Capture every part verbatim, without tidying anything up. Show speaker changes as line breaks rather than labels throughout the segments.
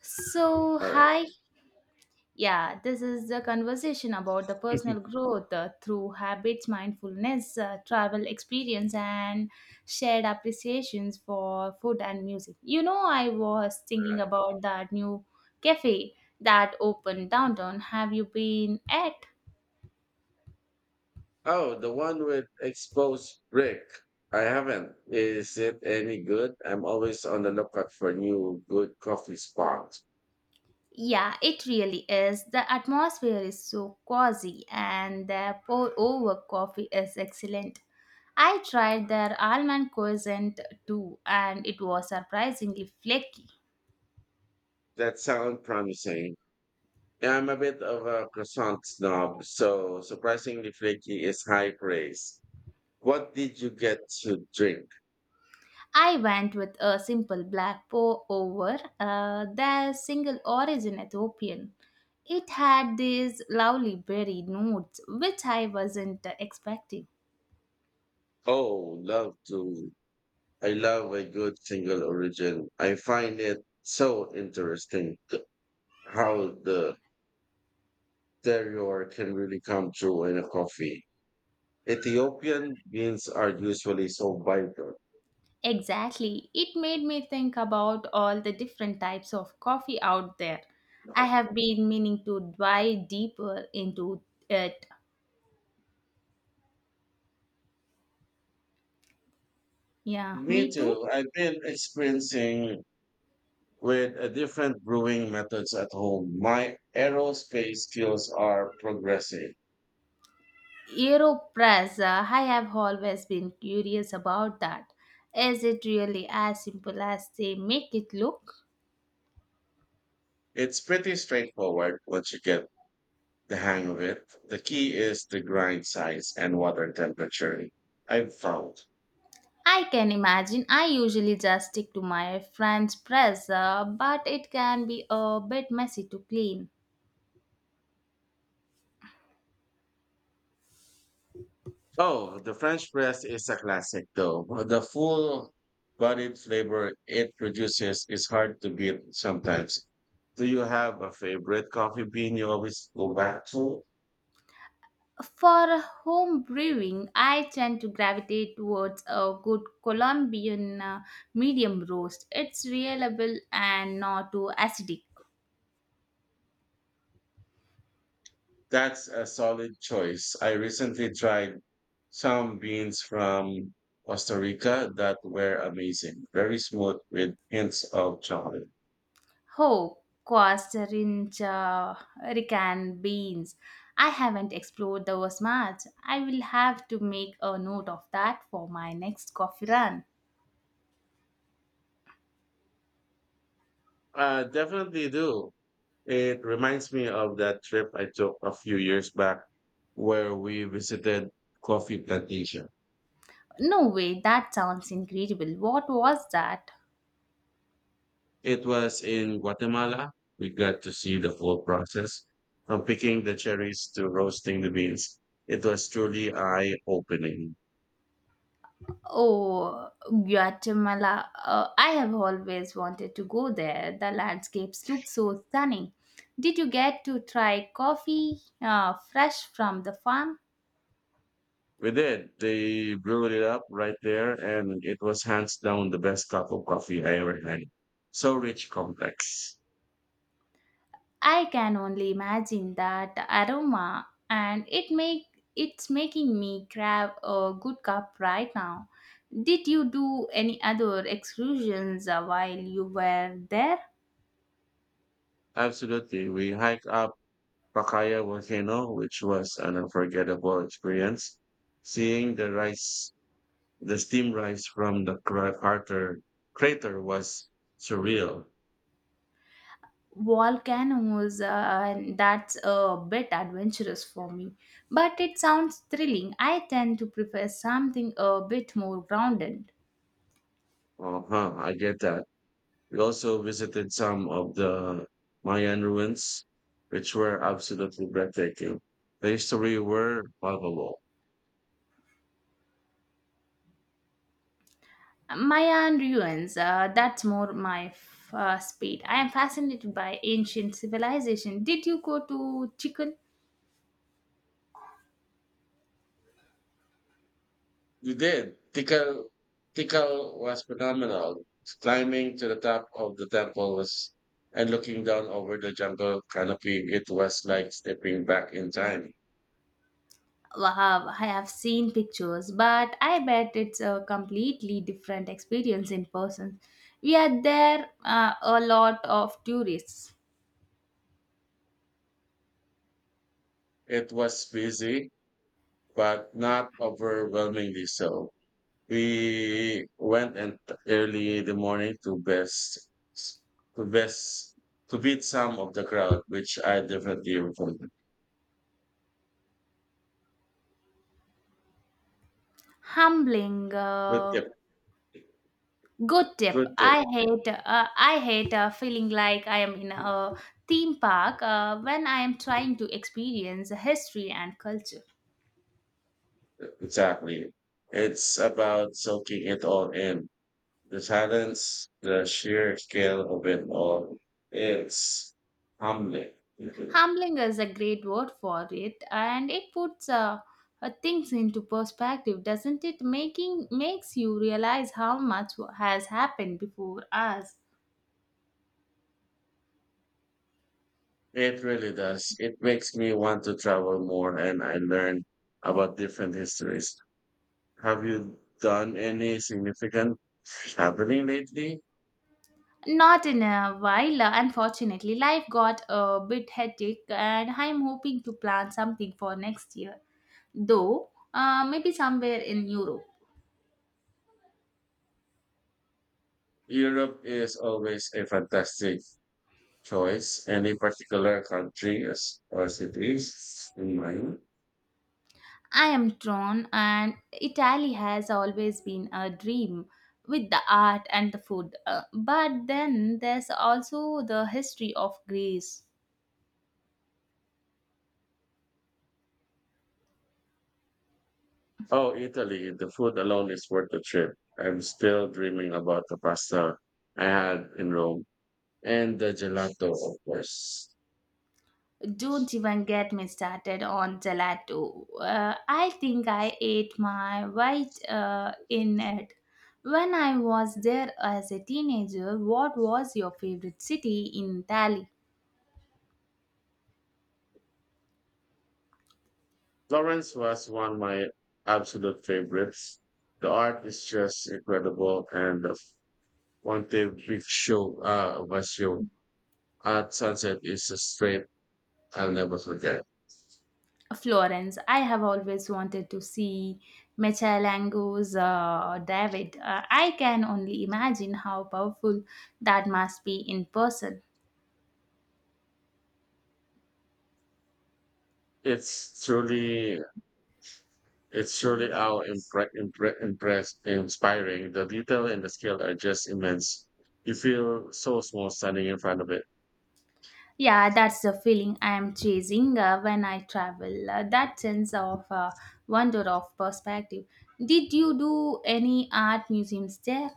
So,
All right.
hi. Yeah, this is the conversation about the personal growth uh, through habits, mindfulness, uh, travel experience, and shared appreciations for food and music. You know, I was
All
thinking
right.
about that new cafe that opened downtown. Have you been at?
Oh, the one with exposed brick. I haven't. Is it any good? I'm always on the lookout for new good coffee spots.
Yeah, it really is. The atmosphere is so cozy and the pour over coffee is excellent. I tried their almond croissant too and it was surprisingly flaky.
That sounds promising. Yeah, I'm a bit of a croissant snob, so surprisingly flaky is high praise. What did you get to drink?
I went with a simple black pour over, uh, their single origin Ethiopian. It had these lovely berry notes which I wasn't expecting.
Oh, love to. I love a good single origin. I find it so interesting how the terroir can really come through in a coffee. Ethiopian meals are usually so vital.
Exactly. It made me think about all the different types of coffee out there. I have been meaning to dive deeper into it. Yeah,
Me
me too.
too. I've been experiencing with a different brewing methods at home. My aerospace skills are progressing.
Aeropress, uh, I have always been curious about that. Is it really as simple as they make it look?
It's pretty straightforward once you get the hang of it. The key is the grind size and water temperature, I've found.
I can imagine. I usually just stick to my French press, uh, but it can be a bit messy to clean.
Oh, the French press is a classic, though. The full bodied flavor it produces is hard to beat sometimes. Do you have a favorite coffee bean you always go back to?
For home brewing, I tend to gravitate towards a good Colombian uh, medium roast. It's reliable and not too acidic.
That's a solid choice. I recently tried some beans from Costa Rica that were amazing, very smooth with hints of chocolate.
Oh, Costa Rica Rican beans. I haven't explored those much. I will have to make a note of that for my next coffee run.
Uh, definitely do. It reminds me of that trip I took a few years back where we visited coffee plantation.
No way, that sounds incredible. What was that?
It was in Guatemala. We got to see the whole process from picking the cherries to roasting the beans. It was truly eye opening.
Oh, Guatemala. Uh, I have always wanted to go there. The landscapes look so stunning. Did you get to try coffee uh, fresh from the farm?
We did. They brewed it up right there, and it was hands down the best cup of coffee I ever had. So rich, complex.
I can only imagine that aroma and it make it's making me grab a good cup right now. Did you do any other excursions uh, while you were there?
Absolutely. We hiked out Pacaya volcano, which was an unforgettable experience. Seeing the rise, the steam rise from the cra- crater, crater was surreal.
Volcanoes, uh, and that's a bit adventurous for me, but it sounds thrilling. I tend to prefer something a bit more grounded.
Uh huh, I get that. We also visited some of the Mayan ruins, which were absolutely breathtaking. The history were palpable.
Mayan ruins, uh, that's more my f- uh, speed. I am fascinated by ancient civilization. Did you go to chicken?
You did. Tical, Tikal was phenomenal. Climbing to the top of the temple was and looking down over the jungle canopy, it was like stepping back in time.
Wow, I have seen pictures, but I bet it's a completely different experience in person. We are there, uh, a lot of tourists.
It was busy, but not overwhelmingly so. We went and early in the morning to best to best to beat some of the crowd, which I definitely recommend.
Humbling,
Good
uh,
tip.
good tip.
Good tip.
I hate uh, I hate uh, feeling like I am in a theme park uh, when I am trying to experience history and culture.
Exactly. It's about soaking it all in. The silence, the sheer scale of it all. It's humbling. It
Humbling is a great word for it, and it puts uh, uh, things into perspective, doesn't it? Making Makes you realize how much has happened before us.
really does. It makes me want to travel more and I learn about different histories. Have you done any significant traveling lately?
Not in a while, uh, unfortunately. Life got a bit hectic, and I'm hoping to plan something for next year, though uh, maybe somewhere in Europe.
Europe is always a fantastic choice. Any particular countries or cities in mind?
I am drawn, and Italy has always been a dream with the art and the food. Uh, but then there's also the history of Greece.
Oh, Italy, the food alone is worth the trip. I'm still dreaming about the pasta I had in Rome and the gelato, of course.
Don't even get me started on gelato. Uh, I think I ate my white uh, in it. When I was there as a teenager, what was your favorite city in Italy?
Florence was one of my absolute favorites. The art is just incredible, and the Ponte Vecchio uh, Vecchio at sunset is a straight I'll never forget.
Florence. I have always wanted to see Michelangelo's uh, David. Uh, I can only imagine how powerful that must be in person.
It's truly It's surely how impre- impre- Impressed, inspiring. The detail and the scale are just immense. You feel so small standing in front of it.
Yeah, that's the feeling I am chasing uh, when I travel. Uh, that sense of uh, wonder of perspective. Did you do any art museums there?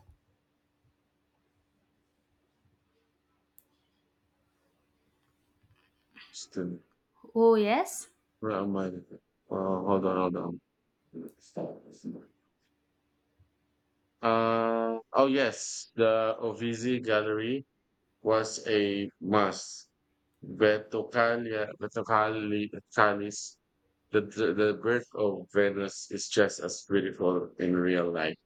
Still,
Oh, yes.
where am I? Oh, hold on, hold on. Uh, oh yes, the Ovizi Gallery was a must. Vertocalia, Vertocalis, the, the the birth of Venus is just as beautiful in real life.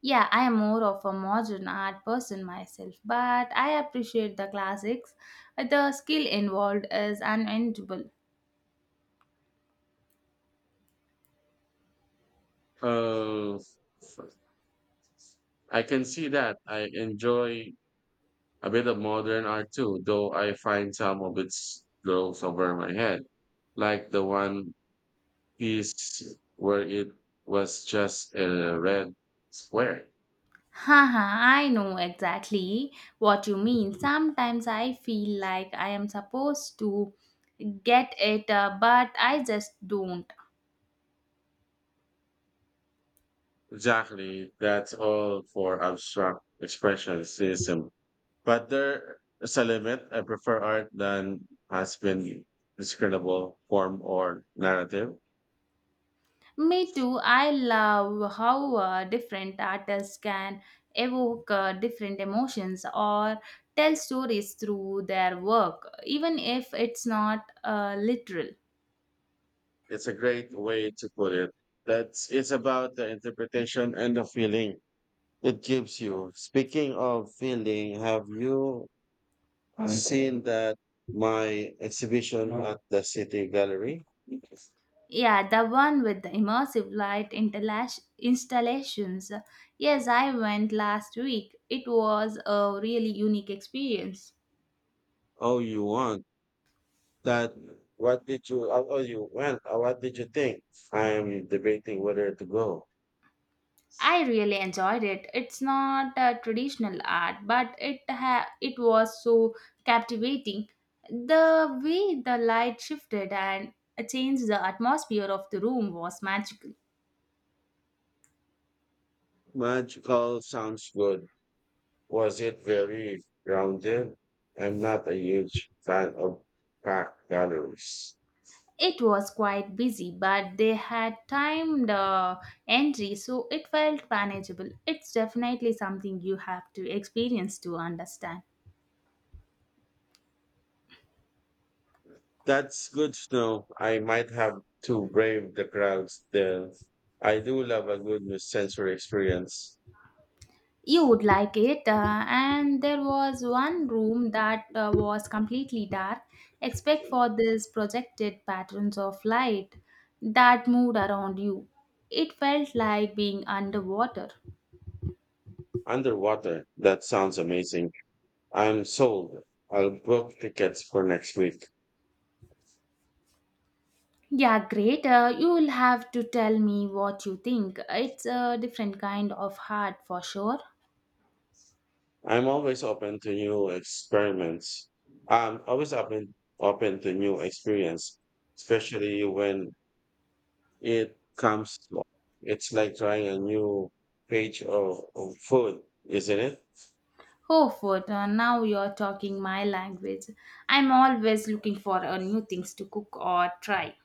Yeah, I am more of a modern art person myself, but I appreciate the classics. The skill involved is unendurable.
Uh, I can see that. I enjoy a bit of modern art too, though I find some of it goes over my head, like the one piece where it was just a red square.
Haha, I know exactly what you mean. Sometimes I feel like I am supposed to get it, uh, but I just don't.
Exactly. That's all for abstract expressionism. But there's a limit. I prefer art than has been discernible form or narrative.
Me too, I love how uh, different artists can evoke uh, different emotions or tell stories through their work, even if it's not uh, literal.
It's a great way to put it. That's it's about the interpretation and the feeling it gives you. Speaking of feeling, have you seen that my exhibition at the City Gallery?
Yeah, the one with the immersive light interlash- installations. Yes, I went last week. It was a really unique experience.
Oh, you want that? What did you? Oh, oh, you went. Oh, what did you think? I am debating whether to go.
I really enjoyed it. It's not a traditional art, but it ha- it was so captivating. The way the light shifted and changed the atmosphere of the room was magical.
Magical sounds good. Was it very grounded? I'm not a huge fan of packed galleries.
It was quite busy, but they had timed uh, entry, so it felt manageable. It's definitely something you have to experience to understand.
That's good to know. I might have to brave the crowds there. I do love a good new sensory experience.
You would like it, uh, and there was one room that uh, was completely dark, except for these projected patterns of light that moved around you. It felt like being underwater.
Underwater, that sounds amazing. I'm sold. I'll book tickets for next week.
Yeah, great. Uh, you will have to tell me what you think. It's a different kind of heart for sure.
I'm always open to new experiments. I'm always open open to new experience, especially when it comes to it's like trying a new page of, of food, isn't it?
Oh, food. Uh, now you're talking my language. I'm always looking for uh, new things to cook or try.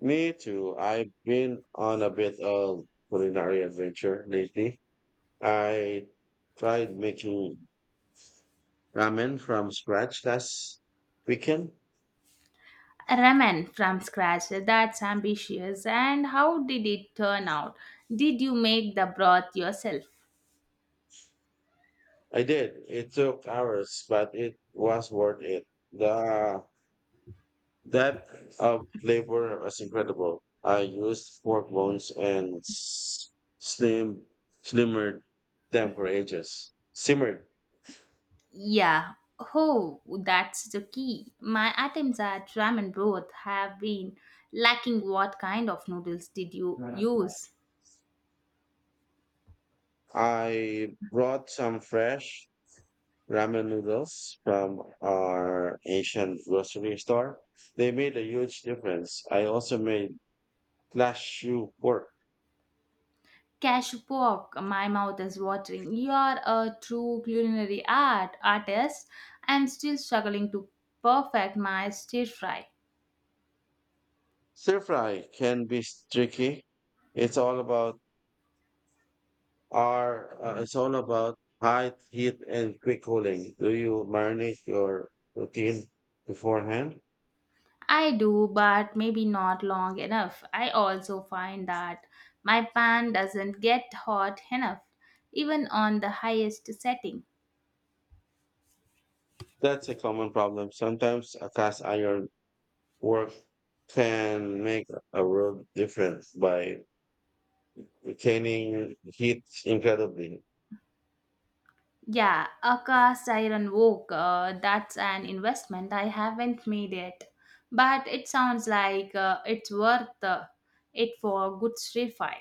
Me too. I've been on a bit of culinary adventure lately. I tried making ramen from scratch last weekend.
Ramen from scratch. That's ambitious. And how did it turn out? Did you make the broth yourself?
I did. It took hours, but it was worth it. The depth of flavor was incredible. I used pork bones and s- slim slimmered them for ages. Simmered.
Yeah. Oh, that's the key. My attempts at ramen broth have been lacking. What kind of noodles did you use?
I brought some fresh ramen noodles from our Asian grocery store. They made a huge difference. I also made cashew pork.
Cash walk, my mouth is watering. You're a true culinary art artist. I'm still struggling to perfect my stir fry.
Stir fry can be tricky. It's all about our. Uh, it's all about high heat and quick cooling. Do you marinate your protein beforehand?
I do, but maybe not long enough. I also find that my pan doesn't get hot enough, even on the highest setting.
That's a common problem. Sometimes a cast iron work can make a world difference by retaining heat incredibly.
Yeah, a cast iron wok, uh, that's an investment I haven't made yet. But it sounds like uh, it's worth uh, it for good stir fry.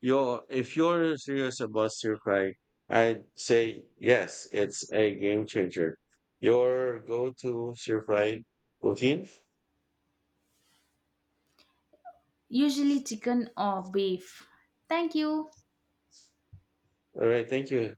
You're, if you're serious about stir fry, I'd say yes, it's a game changer. Your go-to stir fry routine?
Usually chicken or beef. Thank you.
All right, thank you.